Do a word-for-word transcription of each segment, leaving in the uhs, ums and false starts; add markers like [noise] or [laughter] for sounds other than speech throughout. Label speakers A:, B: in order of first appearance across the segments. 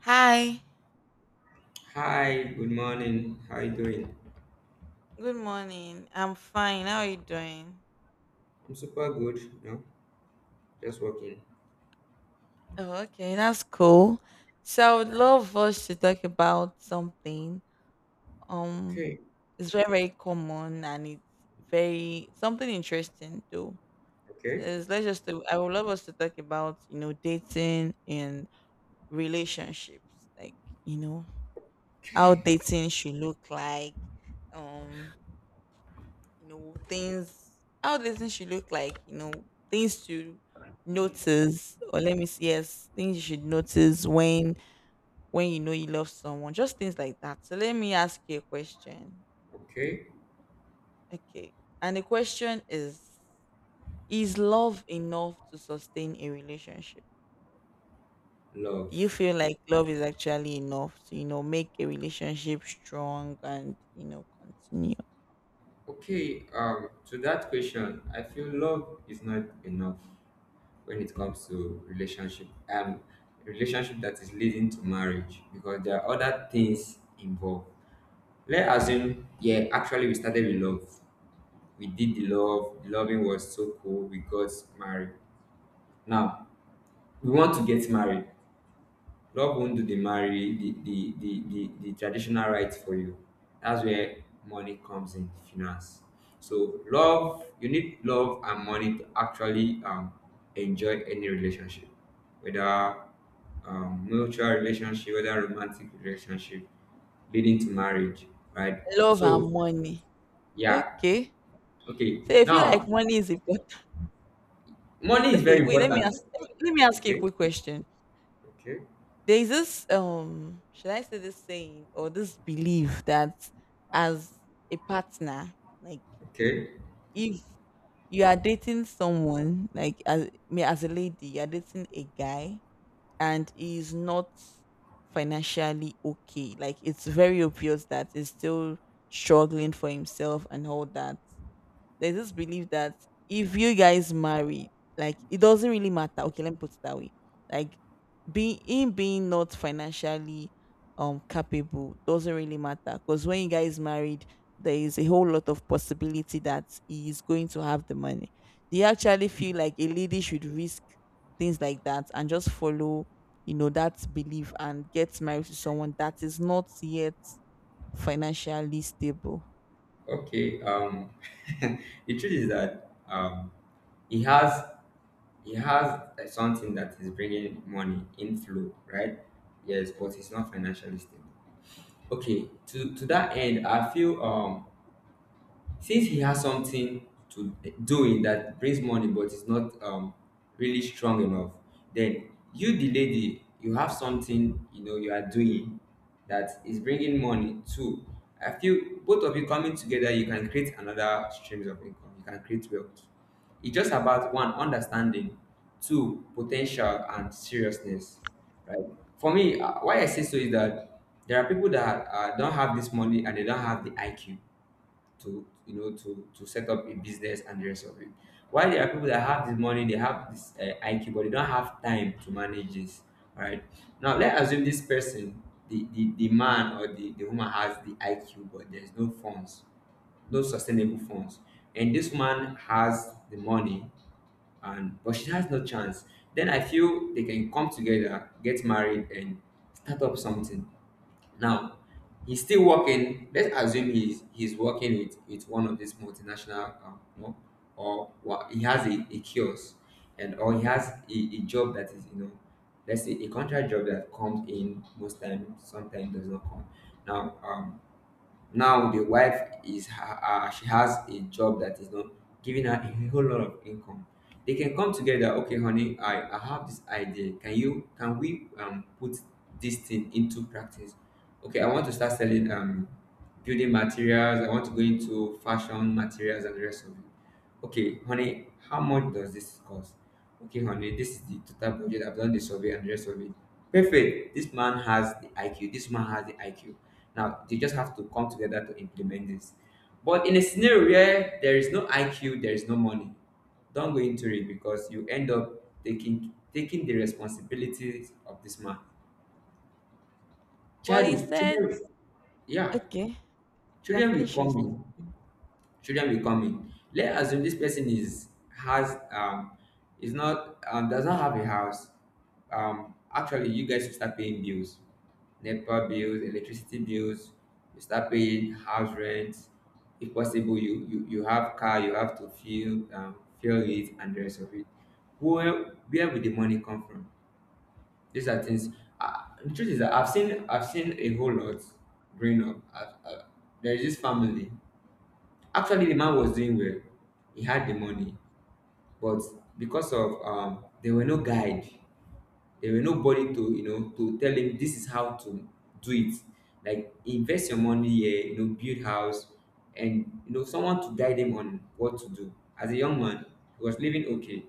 A: Hi,
B: Hi, good morning. How you doing?
A: good morning. I'm fine. How are you doing?
B: I'm super good. No, just working.
A: Oh, okay, that's cool. So I would
B: Right.
A: love us to talk about something. Um,
B: Okay,
A: it's very, very common, and it's very something interesting though.
B: okay,
A: Is let's just do- I would love us to talk about, you know, dating and relationships. Like, you know, how dating should look like. Um you know things, how the things should look like, you know, things to notice, or let me see, yes, things you should notice when when you know you love someone, just things like that. So let me ask you a question.
B: okay.
A: Okay, and the question is is love enough to sustain a relationship? Do
B: Love.
A: you feel like love is actually enough to, you know, make a relationship strong and, you know, continue?
B: Okay, um, to that question, I feel love is not enough when it comes to relationship. Um, Relationship that is leading to marriage because there are other things involved. Let's assume, yeah, actually we started with love. We did the love, the loving was so cool, we got married. Now, we want to get married. Love won't do the marry the the the the, the traditional rites for you. That's where money comes in, finance. So love, you need love and money to actually um enjoy any relationship, whether um, mutual relationship, whether romantic relationship, leading to marriage, right?
A: Love and
B: So
A: money.
B: yeah,
A: Okay,
B: okay.
A: so you feel like
B: Now
A: money is important. Wait,
B: money is
A: okay,
B: very
A: wait, let me ask
B: important.
A: let me ask you a
B: Okay,
A: quick question.
B: okay,
A: There is this, um should I say this saying or this belief that, as a partner, like,
B: okay,
A: if you are dating someone, like as me as a lady, you are dating a guy and he is not financially okay. Like, it's very obvious that he's still struggling for himself and all that. There's this belief that if you guys marry, like, it doesn't really matter. Okay, let me put it that way. Like, being in being not financially um capable doesn't really matter, because when you guys married, there is a whole lot of possibility that he is going to have the money. Do you actually feel like a lady should risk things like that and just follow, you know, that belief, and get married to someone that is not yet financially stable?
B: okay. Um, [laughs] the truth is that um he has he has uh, something that is bringing money inflow, right? Yes, but he's not financially stable. Okay, to to that end, I feel um since he has something to doing that brings money but is not um really strong enough, then you the lady, you have something you know you are doing that is bringing money too. I feel both of you coming together, you can create another streams of income, you can create wealth. It's just about one, understanding; two, potential and seriousness, right? For me, uh, why I say so is that there are people that uh, don't have this money and they don't have the I Q to you know to to set up a business and the rest of it. While there are people that have this money, they have this uh, I Q, but they don't have time to manage this. All right. Now let's assume this person, the the, the man or the, the woman has the I Q, but there's no funds, no sustainable funds, and this man has the money, and but she has no chance. Then I feel they can come together, get married, and start up something. Now, he's still working. Let's assume he's he's working with, with one of these multinational, um, you know, or wha- he has a, a kiosk, and or he has a, a job that is you know, let's say a contract job that comes in most times, sometimes does not come. Now, um, now the wife is ha- uh, she has a job that is not giving her a whole lot of income. They can come together. Okay, honey, I, I have this idea. Can you, can we um put this thing into practice? Okay, I want to start selling um building materials. I want to go into fashion materials and the rest of it. Okay, honey, how much does this cost? Okay, honey, this is the total budget. I've done the survey and the rest of it. Perfect. This man has the I Q. This man has the I Q. Now they just have to come together to implement this. But in a scenario where there is no I Q, there is no money, don't go into it because you end up taking taking the responsibilities of this man.
A: But
B: Child,
A: he
B: will-
A: said.
B: children, yeah,
A: Okay. You can
B: children will
A: finish
B: come
A: yesterday.
B: in. Children becoming. Let's assume this person is has um is not um does not have a house. Um, actually you guys should start paying bills. NEPA bills, electricity bills, you start paying house rent. If possible, you you, you have car, you have to fuel um fuel it and the rest of it. Where where will the money come from? These are things. Uh, the truth is that I've seen I've seen a whole lot growing up. I've, uh, there is this family. Actually, the man was doing well. He had the money, but because of um, there were no guide, there were nobody to you know to tell him this is how to do it. Like invest your money here, you know, build house, and you know someone to guide him on what to do. As a young man, he was living okay.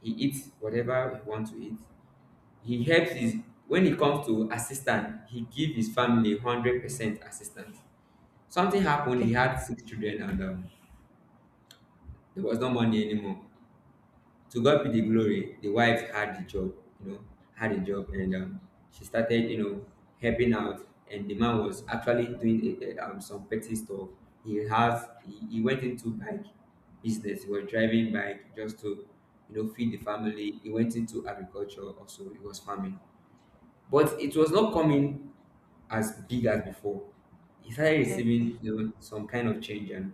B: He eats whatever he wants to eat. He helps his, when it comes to assistance, he give his family hundred percent assistance. Something happened. He
A: Okay.
B: had six children, and um, there was no money anymore. To God be the glory, the wife had the job, you know, had a job, and um, she started, you know, helping out. And the man was actually doing a, a, um, some petty stuff. He has he, he went into bike business. He was driving bike just to, you know, feed the family. He went into agriculture also. He was farming, but it was not coming as big as before. He started
A: Okay.
B: receiving, you know, some kind of change, and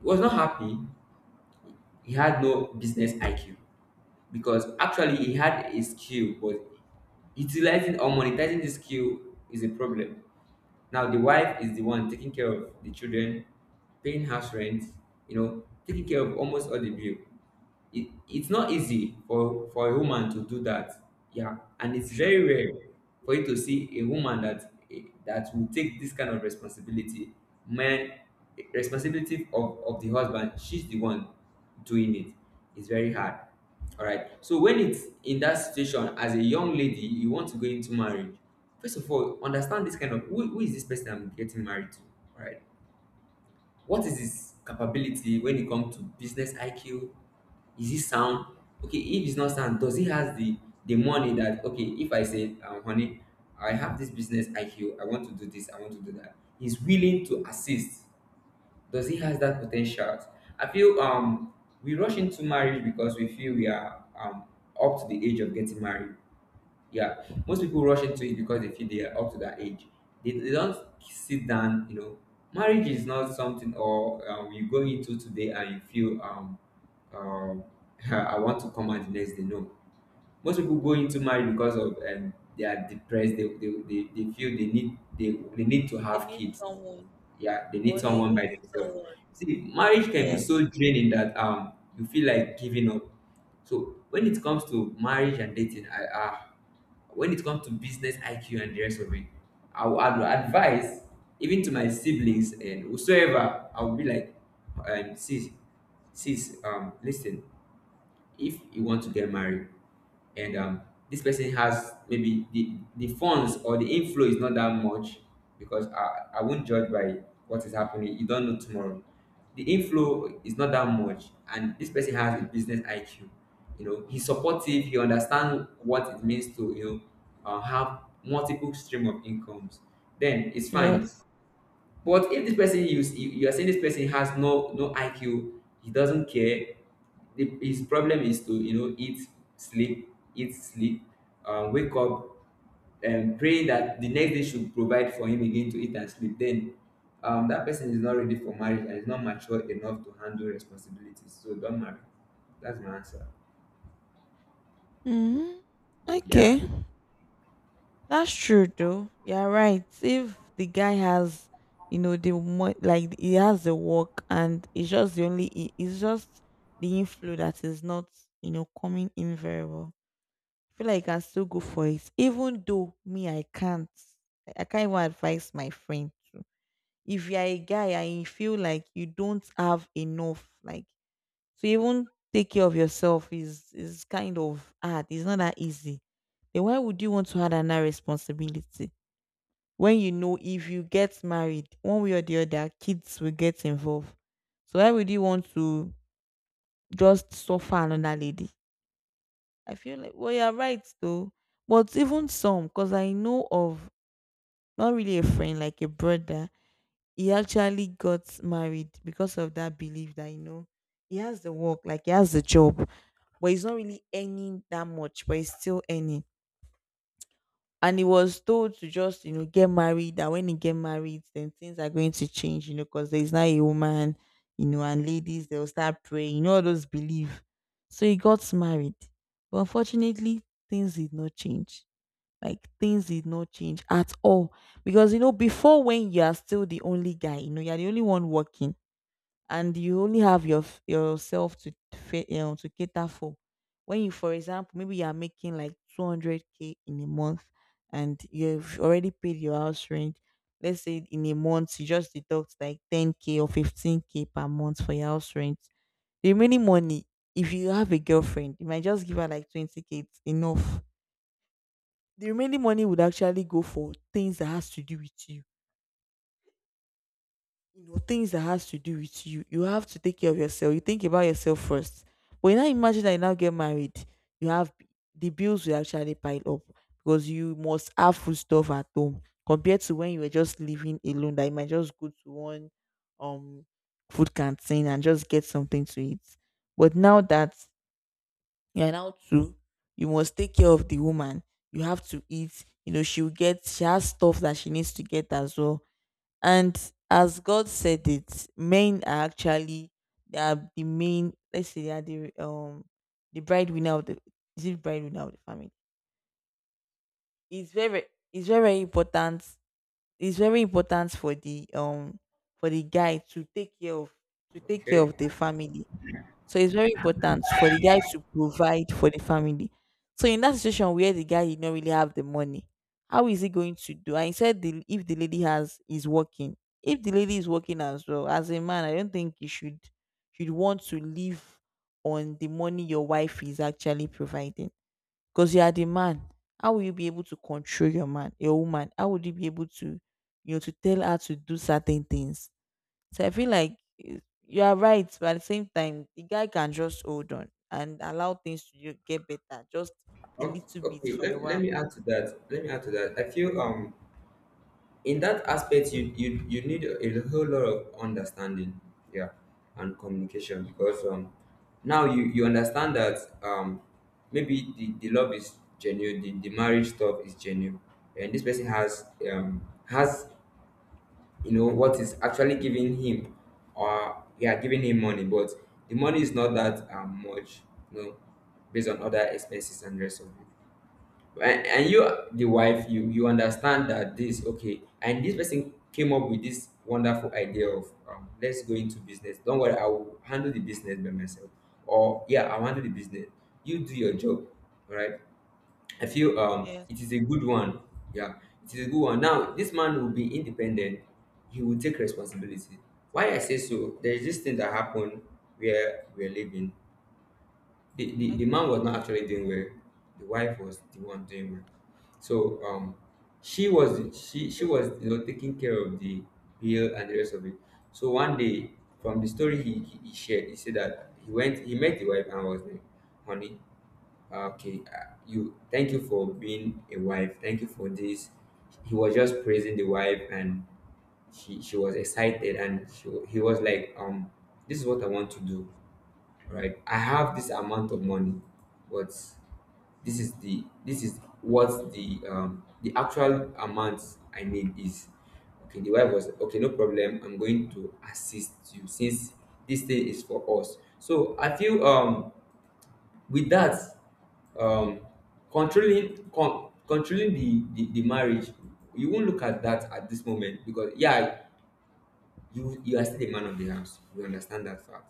B: he was not happy. He had no business I Q because actually he had a skill, but utilizing or monetizing the skill is a problem. Now the wife is the one taking care of the children, paying house rent, you know, taking care of almost all the bill. It it's not easy for for a woman to do that. Yeah, and it's
A: Sure.
B: very rare for you to see a woman that that will take this kind of responsibility. Man, responsibility of, of the husband, she's the one doing it. It's very hard. All right. So when it's in that situation, as a young lady, you want to go into marriage. First of all, understand this kind of, who, who is this person I'm getting married to? All right. What is his capability when it comes to business I Q, is it sound? Okay, if it's not sound, does he has the the money that okay? If I say, um, honey, I have this business I Q. I want to do this. I want to do that. He's willing to assist. Does he has that potential? I feel um we rush into marriage because we feel we are um up to the age of getting married. Yeah, most people rush into it because they feel they are up to that age. They, they don't sit down, you know. Marriage is not something or um, you go into today and you feel um, um, [laughs] I want to come out the next day. No, most people go into marriage because of um, they are depressed. They, they, they, they feel they need, they, they need to
A: They
B: have
A: need
B: kids.
A: someone,
B: Yeah, they need
A: or they
B: someone
A: even
B: by
A: need
B: themselves.
A: someone.
B: See, marriage can be
A: Yes.
B: so draining that um, you feel like giving up. So when it comes to marriage and dating, I uh, when it comes to business IQ and the rest of it, i would I would advise, even to my siblings and whosoever, I would be like, um, sis sis, um, listen, if you want to get married and um, this person has maybe the, the funds or the inflow is not that much, because I, I won't judge by what is happening. You don't know tomorrow. The inflow is not that much, and this person has a business I Q. You know, he's supportive. He understands what it means to, you know, uh, have multiple stream of incomes. Then it's fine.
A: Yes.
B: But if this person, you you are saying this person has no no I Q, he doesn't care. The, his problem is to you know eat, sleep, eat, sleep, um, wake up, and pray that the next day should provide for him again to eat and sleep. Then um, that person is not ready for marriage and is not mature enough to handle responsibilities. So don't marry. That's my answer.
A: Hmm.
B: Yeah.
A: Okay. That's true though. You're right. If the guy has, you know, the mo- like he has the work, and it's just the only i- it's just the inflow that is not, you know, coming in very well. I feel like I can still go for it. Even though me I can't, I I can't even advise my friend. If you're a guy and you feel like you don't have enough, like, to even take care of yourself is, is kind of hard. It's not that easy. Then why would you want to add another responsibility when, you know, if you get married, one way or the other, kids will get involved. So why would you want to just suffer another lady? I feel like, well, you're right though. But even some, because I know of, not really a friend, like a brother, he actually got married because of that belief that, you know, he has the work, like he has the job, but he's not really earning that much, but he's still earning. And he was told to just, you know, get married. That when he get married, then things are going to change, you know, because there's now a woman, you know, and ladies they'll start praying, you know, all those belief. So he got married, but unfortunately things did not change. Like, things did not change at all, because, you know, before, when you are still the only guy, you know, you're the only one working and you only have your f- yourself to fa- you know, to cater for. When you, for example, maybe you are making like two hundred k in a month, and you've already paid your house rent. Let's say in a month you just deduct like ten k or fifteen k per month for your house rent. The remaining money, if you have a girlfriend, you might just give her like twenty k. It's enough. The remaining money would actually go for things that has to do with you, you know, things that has to do with you. You have to take care of yourself, you think about yourself first. But you now imagine that you now get married, you have, the bills will actually pile up, because you must have food stuff at home, compared to when you were just living alone, that you might just go to one, um food canteen and just get something to eat. But now that you're now two, you must take care of the woman. You have to eat, you know, she'll get, she has stuff that she needs to get as well. And as God said it, men are actually, they are the main. Let's say they are the um the bride winner of the, is it bride winner of the family. It's very, it's very very important. It's very important for the um for the guy to take care of, to take care
B: Okay.
A: of the family. So it's very important for the guy to provide for the family. So in that situation where the guy did not really have the money, how is he going to do? I said the, if the lady has is working, if the lady is working as well, as a man, I don't think you should, should want to live on the money your wife is actually providing, because you are the man. How will you be able to control your man, your woman? How would you be able to, you know, to tell her to do certain things? So I feel like, eh, you are right, but at the same time, the guy can just hold on and allow things to ju- get better, just a
B: Okay.
A: little bit
B: Okay.
A: for a
B: Let, let
A: while.
B: me add to that. Let me add to that. I feel um in that aspect, you you, you need a whole lot of understanding, yeah, and communication, because um, now you you understand that um, maybe the, the love is genuine, the, the marriage stuff is genuine, and this person has um has you know what is actually giving him, or yeah, giving him money, but the money is not that um, much, you know, based on other expenses and rest of it, and, and you the wife, you you understand that this okay, and this person came up with this wonderful idea of um, let's go into business, don't worry, I will handle the business by myself, or yeah, I'll handle the business, you do your job, all right. I feel um,
A: Yes.
B: it is a good one. Yeah, it is a good one. Now this man will be independent, he will take responsibility. Why I say so, there's this thing that happened where we're living. The, the, the
A: Okay.
B: man was not actually doing well. The wife was the one doing well. So um, she was she she was you know taking care of the bill and the rest of it. So one day, from the story he, he, he shared, he said that he went, he met the wife and was like, honey, uh, okay, uh, you, thank you for being a wife. Thank you for this. He was just praising the wife and she she was excited and she, he was like um this is what I want to do, right? I have this amount of money, but this is the this is what the um the actual amount I need is. Okay, the wife was okay, no problem, I'm going to assist you since this thing is for us. So I feel um with that, um controlling, con- controlling the, the the marriage, you won't look at that at this moment, because yeah, you you are still the man of the house. We understand that fact.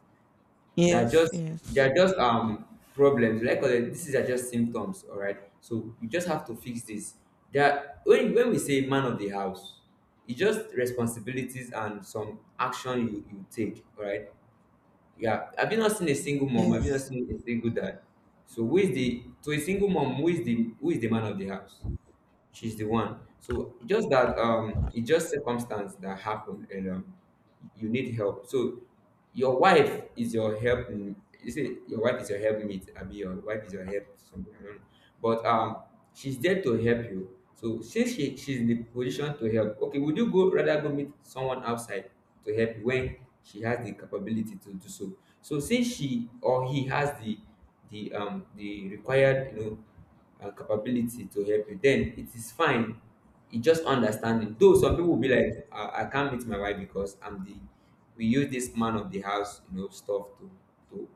B: They are
A: Yes,
B: just they
A: yes,
B: are just um problems. Like, uh, this is are just symptoms, all right. So you just have to fix this. That when when we say man of the house, it's just responsibilities and some action you, you take, all right. Yeah. Have you not seen a single mom? Have you not
A: yes.
B: seen a single dad? So who is the to a single mom, who is the who is the man of the house? She's the one. So just that, um, it's just circumstance that happened, and um, you need help. So your wife is your help. You say your wife is your helpmate. I mean, your wife is your help. Something I don't know, but um, she's there to help you. So since she, she's in the position to help, okay, would you go rather go meet someone outside to help you when she has the capability to do so? So since she or he has the the um the required, you know and capability to help you, then it is fine. It just understanding. Though some people will be like, I, I can't meet my wife because I'm the we use this man of the house, you know, stuff to to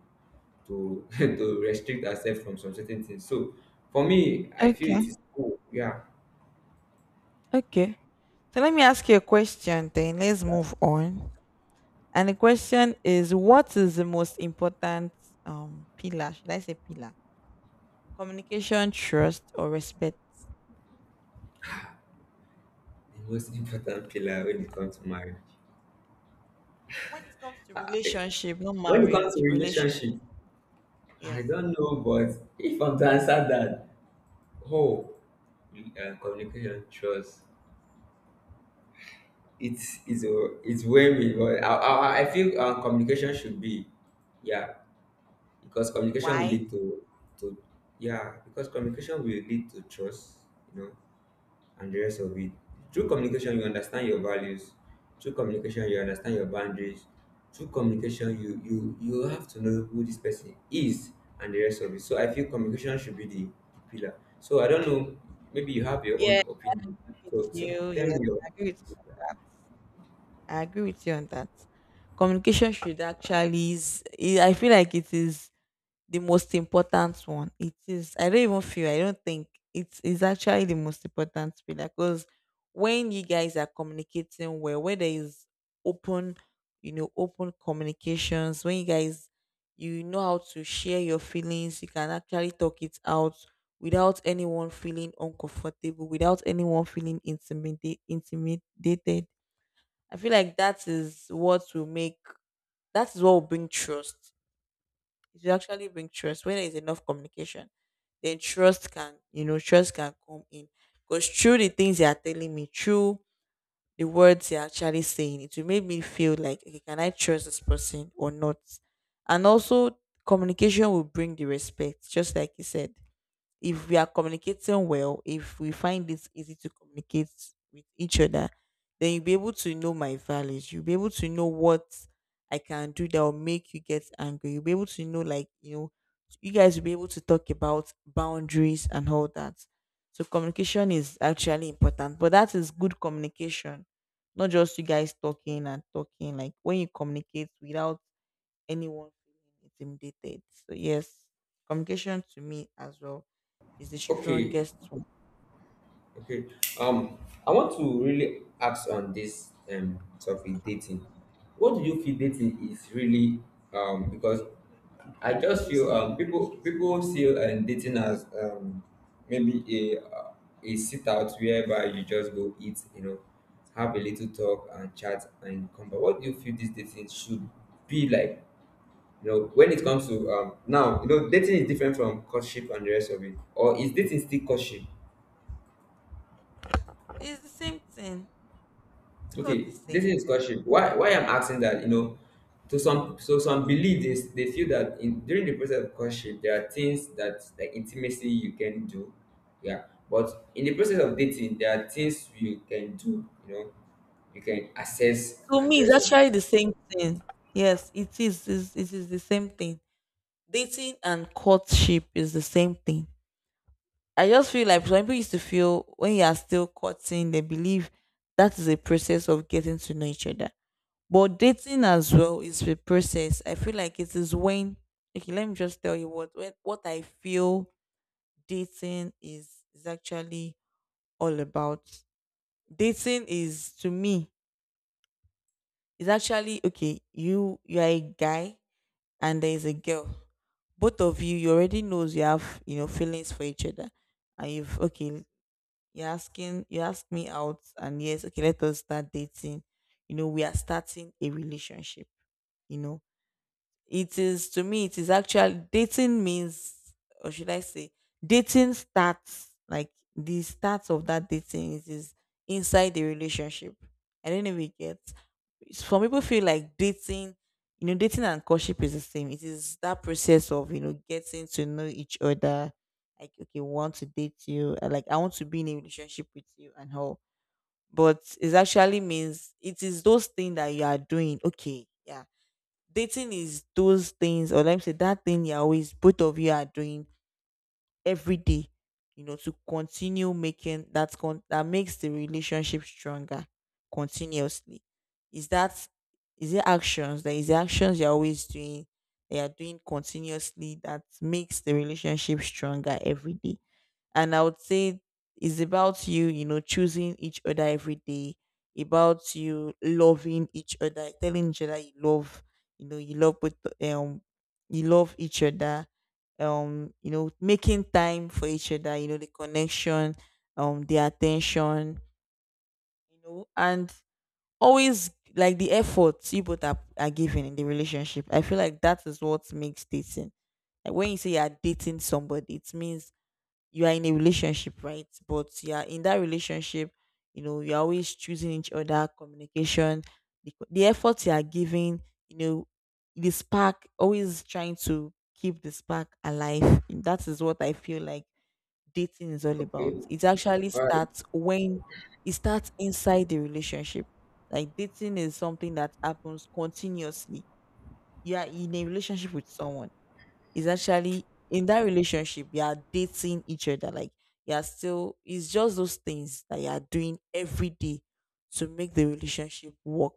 B: to [laughs] to restrict ourselves from some certain things. So for me, I feel
A: Okay,
B: it is cool. Yeah,
A: okay. So let me ask you a question then. Let's move on. And the question is, what is the most important um pillar? Should I say pillar? Communication, trust, or respect?
B: the most [laughs] important pillar when it comes to marriage.
A: When it comes to relationship, not
B: When it comes to
A: marriage, relationship.
B: relationship, I
A: Yes.
B: don't know, but if I'm to answer that, oh, uh, communication, trust, it's it's a, it's when we but I, I, I feel, um, communication should be, yeah, because communication will
A: Why?
B: lead to to yeah, because communication will lead to trust, you know, and the rest of it. Through communication you understand your values. Through communication you understand your boundaries. Through communication you you you have to know who this person is, and the rest of it. So I feel communication should be the, the pillar. So I don't know, maybe you have your
A: Yes,
B: own
A: I
B: opinion.
A: agree with
B: So so
A: you.
B: tell
A: Yes,
B: me your.
A: I agree with you.
B: Yeah.
A: I agree with you on that. Communication should actually is, I I feel like it is the most important one. It is. I don't even feel. I don't think it's is actually the most important pillar, because when you guys are communicating well, where there is open, you know, open communications, when you guys, you know, how to share your feelings, you can actually talk it out without anyone feeling uncomfortable, without anyone feeling intimidate, intimidated. I feel like that is what will make, that is what will bring trust, it will actually bring trust. When there is enough communication, then trust can, you know, trust can come in. Because through the things they are telling me, through the words they are actually saying, it will make me feel like, okay, can I trust this person or not? And also, communication will bring the respect, just like you said. If we are communicating well, if we find it easy to communicate with each other, then you'll be able to know my values. You'll be able to know what I can do that will make you get angry. You'll be able to know, like, you know, you guys will be able to talk about boundaries and all that. So communication is actually important, but that is good communication, not just you guys talking and talking. Like when you communicate without anyone feeling intimidated. So yes, communication to me as well is the
B: Okay.
A: strongest one.
B: Okay. Um, I want to really ask on this um topic, dating. What do you feel dating is really, um because I just feel, um people people see, um, dating as, um maybe a, uh, a sit out whereby you just go eat, you know have a little talk and chat and come back. What do you feel this dating should be like? You know, when it comes to um now, you know, dating is different from courtship and the rest of it. Or is dating still courtship?
A: It's the same thing. It's not the
B: Okay, this
A: same.
B: is question. Why why I'm asking that, you know, to some, so some believe this, they feel that in during the process of courtship there are things that, like intimacy, you can do. Yeah. But in the process of dating, there are things you can do, you know, you can assess
A: To
B: and the
A: me, it's
B: rest of it.
A: actually the same thing. Yes, it is. It's, it is the same thing. Dating and courtship is the same thing. I just feel like some people used to feel, when you are still courting, they believe that is a process of getting to know each other. But dating as well is a process. I feel like it is when, okay, let me just tell you what when, what I feel dating is is actually all about. Dating is, to me, is actually, okay, you you are a guy and there is a girl. Both of you, you already knows you have, you know, feelings for each other. And you've, okay, you're asking, you ask me out and yes, okay, let us start dating. You know, we are starting a relationship, you know. It is, to me, it is actually dating means, or should I say, dating starts like, the start of that dating is is inside the relationship. I don't know if you get. Some people feel like dating, you know, dating and courtship is the same. It is that process of, you know, getting to know each other. Like, okay, want to date you. uh, Like, I want to be in a relationship with you and how. But it actually means it is those things that you are doing. Okay, yeah, dating is those things, or let me say that thing you're always, both of you are doing every day, you know to continue making that con- that makes the relationship stronger continuously. Is that, is it actions, that is the actions you're always doing, they are doing continuously, that makes the relationship stronger every day. And I would say it's about you, you know, choosing each other every day, about you loving each other, telling each other you love, you know, you love both, um, you love each other, um, you know, making time for each other, you know, the connection, um, the attention, you know, and always, like the efforts you both are, are giving in the relationship. I feel like that is what makes dating. Like when you say you are dating somebody, it means you are in a relationship, right? But you are in that relationship, you know, you're always choosing each other, communication, the, the effort you are giving, you know, the spark, always trying to keep the spark alive. That is what I feel like dating is all
B: Okay.
A: about. It actually
B: All right.
A: starts when it starts inside the relationship. Like dating is something that happens continuously. You are in a relationship with someone. Is actually in that relationship you are dating each other. Like you are still, it's just those things that you are doing every day to make the relationship work.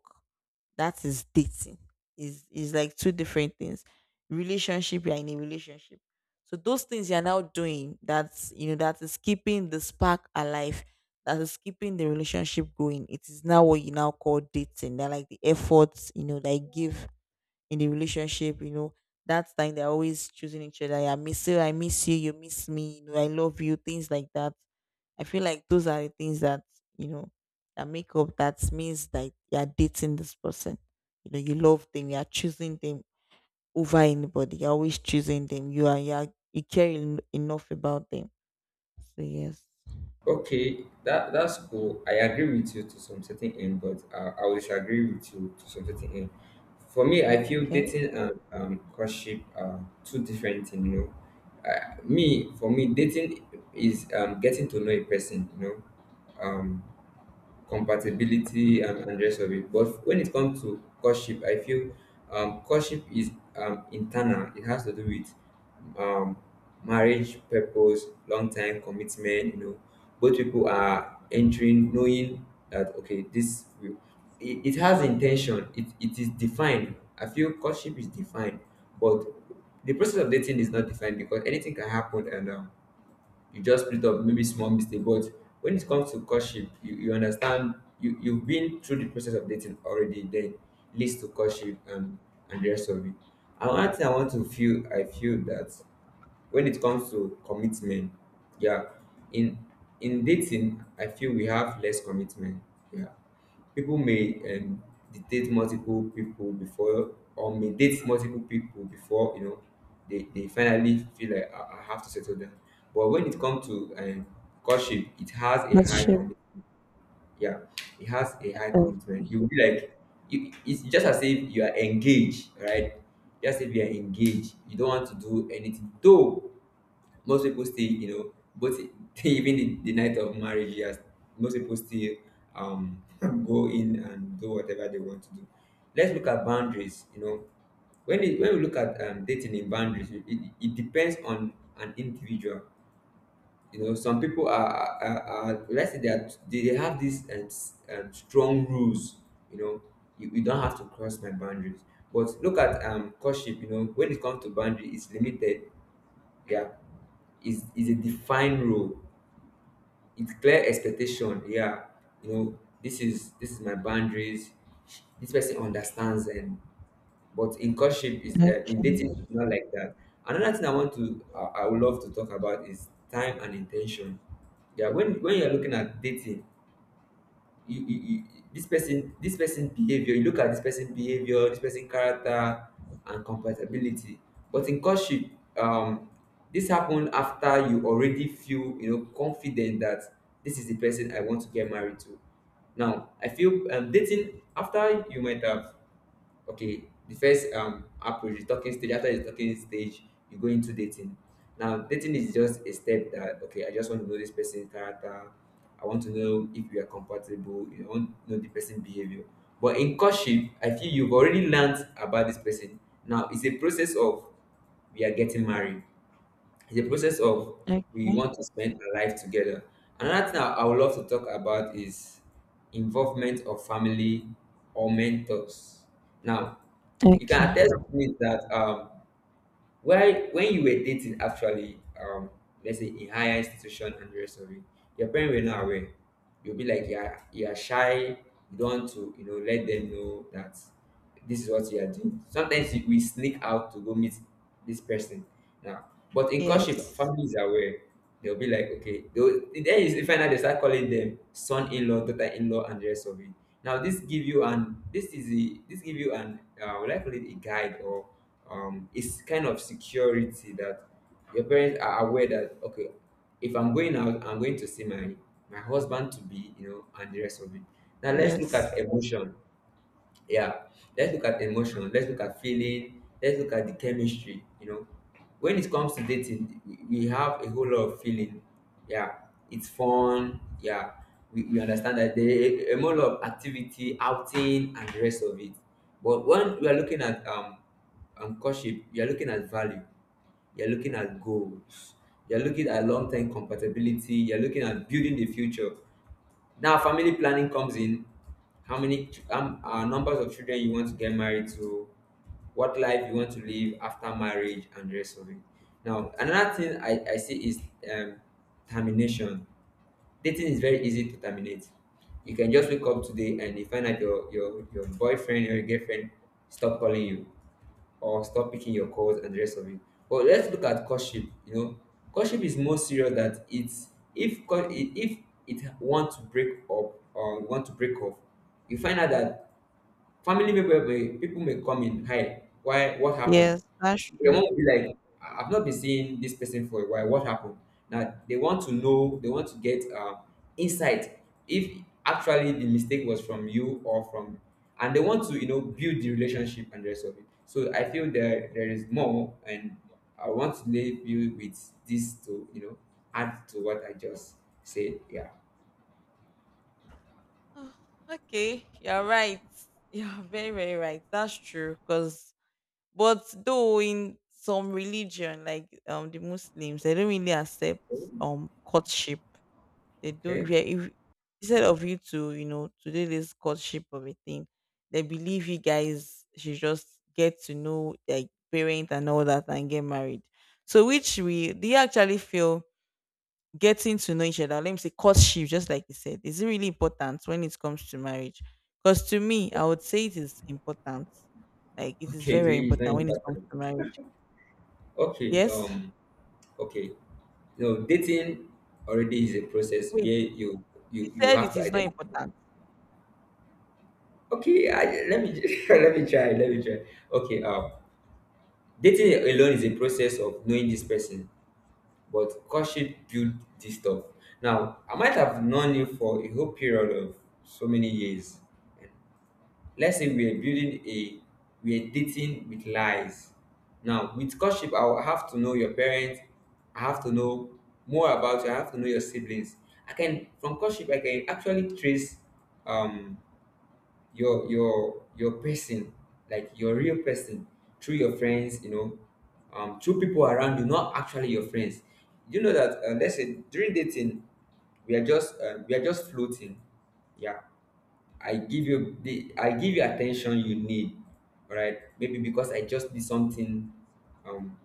A: That is dating. Is is like two different things. Relationship, you are in a relationship, so those things you are now doing, that's, you know that is keeping the spark alive, that is keeping the relationship going. It is now what you now call dating. They're like the efforts, you know they give in the relationship, you know, that time they're always choosing each other. I miss you, I miss you, you miss me, you know, I love you, things like that. I feel like those are the things that, you know, that make up, that means that you're dating this person. You know, you love them, you're choosing them over anybody, you're always choosing them. You are you are, you care en- enough about them. So yes.
B: Okay, that that's cool. I agree with you to some certain end, but, uh, I will disagree with you to some certain end. For me, I feel
A: Okay.
B: dating and, um, courtship are two different things. You know, uh, me for me, dating is, um, getting to know a person. You know, um, compatibility and, and rest of it. But when it comes to courtship, I feel, um, courtship is, um, internal. It has to do with, um, marriage purpose, long time commitment. You know, both people are entering knowing that okay, this will, it, it has intention. It, it is defined. I feel courtship is defined, but the process of dating is not defined because anything can happen, and, um, you just split up maybe small mistake. But when it comes to courtship you, you understand, you you've been through the process of dating already, then leads to courtship and and the rest of it. And one thing i want to feel I feel that when it comes to commitment, yeah, in in dating, I feel we have less commitment. Yeah. People may, um, date multiple people before, or may date multiple people before, you know, they, they finally feel like, I, I have to settle down. But when it comes to, um, courtship, it has a
A: That's
B: high
A: true.
B: commitment. Yeah, it has a high commitment. You will be like, you, it's just as if you are engaged, right? Just if you are engaged, you don't want to do anything. Though most people still, you know, but [laughs] even the, the night of marriage, yes, most people still, um [laughs] go in and do whatever they want to do. Let's look at boundaries. You know, when it, when we look at, um, dating in boundaries, it, it it depends on an individual. You know, some people are, are, are, let's say they, are, they they have these, um, s- um, strong rules. You know, you, you don't have to cross my boundaries. But look at, um courtship. You know, when it comes to boundary, it's limited. Yeah, is is a defined role. It's clear expectation. Yeah, you know, this is this is my boundaries. This person understands. And but in courtship is, uh, in
A: Okay.
B: dating it's not like that. Another thing I want to I, I would love to talk about is time and intention. Yeah, when when you're looking at dating, you, you, you this person this person behavior, you look at this person behavior, this person character and compatibility. But in courtship, um this happen after you already feel, you know confident that this is the person I want to get married to. Now I feel, um, dating after you might have, okay, the first, um approach, the talking stage, after the talking stage, you go into dating. Now, dating is just a step that okay, I just want to know this person's character. I want to know if we are compatible. You want to know the person's behavior. But in courtship, I feel you've already learned about this person. Now it's a process of, we are getting married. It's a process of,
A: Okay.
B: we want to spend our life together. Another thing I, I would love to talk about is involvement of family or mentors. Now, you can
A: Okay.
B: attest to it that, um, while when you were dating, actually, um, let's say in higher institution and the rest of it, your parents were not aware. You'll be like, yeah, you are shy. You don't want to, you know, let them know that this is what you are doing. Sometimes you- we sneak out to go meet this person now. But in courtship,
A: Yes.
B: families are aware. They'll be like, okay, they'll, then you find out they start calling them son-in-law, daughter-in-law, and the rest of it. Now this give you an this is a this give you an, uh, would I call it a guide, or, um it's kind of security that your parents are aware that okay, if I'm going out, I'm going to see my my husband to be, you know and the rest of it. Now let's look at
A: Yes.
B: emotion, yeah. Let's look at emotion. Let's look at feeling. Let's look at the chemistry. You know, when it comes to dating, we we have a whole lot of feeling. Yeah, it's fun. Yeah, we, we understand that there is a whole lot of activity, outing, and the rest of it. But when we are looking at, um, um courtship, you are looking at value. You're looking at goals. You're looking at long-term compatibility. You're looking at building the future. Now family planning comes in, how many ch- um, uh, numbers of children you want to get married to, what life you want to live after marriage and the rest of it. Now another thing i, I see is, um, termination. Dating is very easy to terminate. You can just wake up today and you find out your your, your boyfriend or your girlfriend stop calling you, or stop picking your calls and the rest of it. But let's look at courtship. You know, courtship is more serious, that it's, if co- if it want to break up or want to break off, you find out that Family member may people may come in, hi, why, what happened?
A: Yes. That's
B: Your
A: true.
B: mom will be like, "I- I've not been seeing this person for a while. What happened?" Now they want to know, they want to get, uh, insight if actually the mistake was from you or from, and they want to, you know build the relationship and the rest of it. So I feel there there is more, and I want to leave you with this to, you know add to what I just said. Yeah.
A: [sighs] Oh, okay, you're right. You're very, very right. That's true. Because, but though in some religion, like um the Muslims, they don't really accept um courtship. They don't. If,
B: Okay.
A: you're- if instead of you to you know to do this courtship of a thing, they believe you guys should just get to know, like parent and all that, and get married. So which, we do you actually feel getting to know each other, let me say courtship, just like you said, is it really important when it comes to marriage? Because to me, I would say it is important. Like it is
B: Okay.
A: very,
B: To
A: very
B: you is not
A: important when it comes
B: important.
A: to marriage.
B: Okay.
A: Yes?
B: Um. Okay. No, dating already is a process
A: Wait,
B: where you
A: you
B: you you
A: said
B: have
A: it
B: to
A: is not
B: identify.
A: important.
B: Okay, I, let me [laughs] let me try. Let me try. Okay. Um, dating alone is a process of knowing this person, but courtship build this stuff. Now, I might have known you for a whole period of so many years. Let's say we're building a we're dating with lies. Now with courtship, I will have to know your parents. I have to know more about you. I have to know your siblings. I can From courtship I can actually trace, um your your your person, like your real person, through your friends, you know, um through people around you, not actually your friends. You know that, uh, let's say during dating we are just uh, we are just floating. Yeah. I give you the I give you attention you need, right? Maybe because I just need something, um,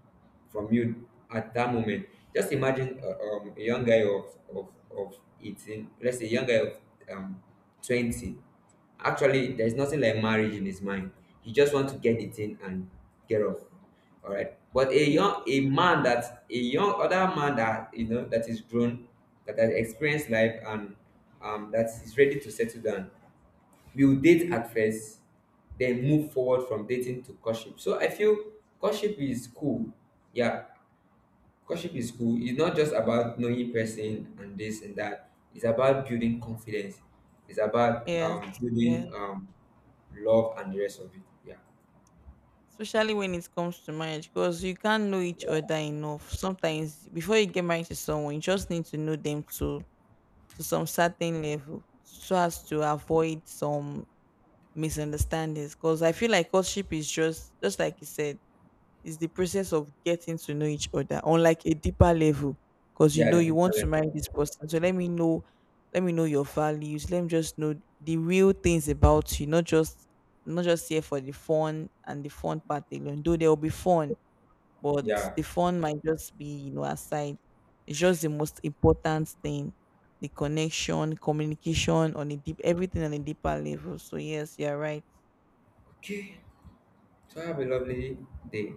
B: from you at that moment. Just imagine, uh, um, a young guy of, of, of eighteen, let's say a young guy of, um, twenty. Actually, there's nothing like marriage in his mind. He just wants to get the thing and get off. All right. But a
A: Yes.
B: young a man that a young other man that, you know that is grown, that has experienced life and, um, that is ready to settle down. We will date at first, then move forward from dating to courtship. So I feel courtship is cool. Yeah, courtship is cool. It's not just about knowing person and this and that. It's about building confidence. It's about,
A: Yes.
B: um,
A: Yes.
B: building, um, love and the rest of it. Yeah,
A: Especially when it comes to marriage, because you can't know each other enough. Sometimes before you get married to someone, you just need to know them to to some certain level, so as to avoid some misunderstandings, because I feel like courtship is just just like you said, is the process of getting to know each other on like a deeper level. Because you
B: yeah,
A: know
B: the
A: you want to
B: different.
A: marry this person, so let me know, let me know your values. Let me just know the real things about you, not just, not just here for the fun, and the fun part alone. Though there will be fun, but
B: Yeah.
A: the fun might just be, you know aside. It's just the most important thing, the connection, communication on a deep, everything on a deeper level. So yes, you're right.
B: Okay.
A: Thank you.
B: So have a lovely day.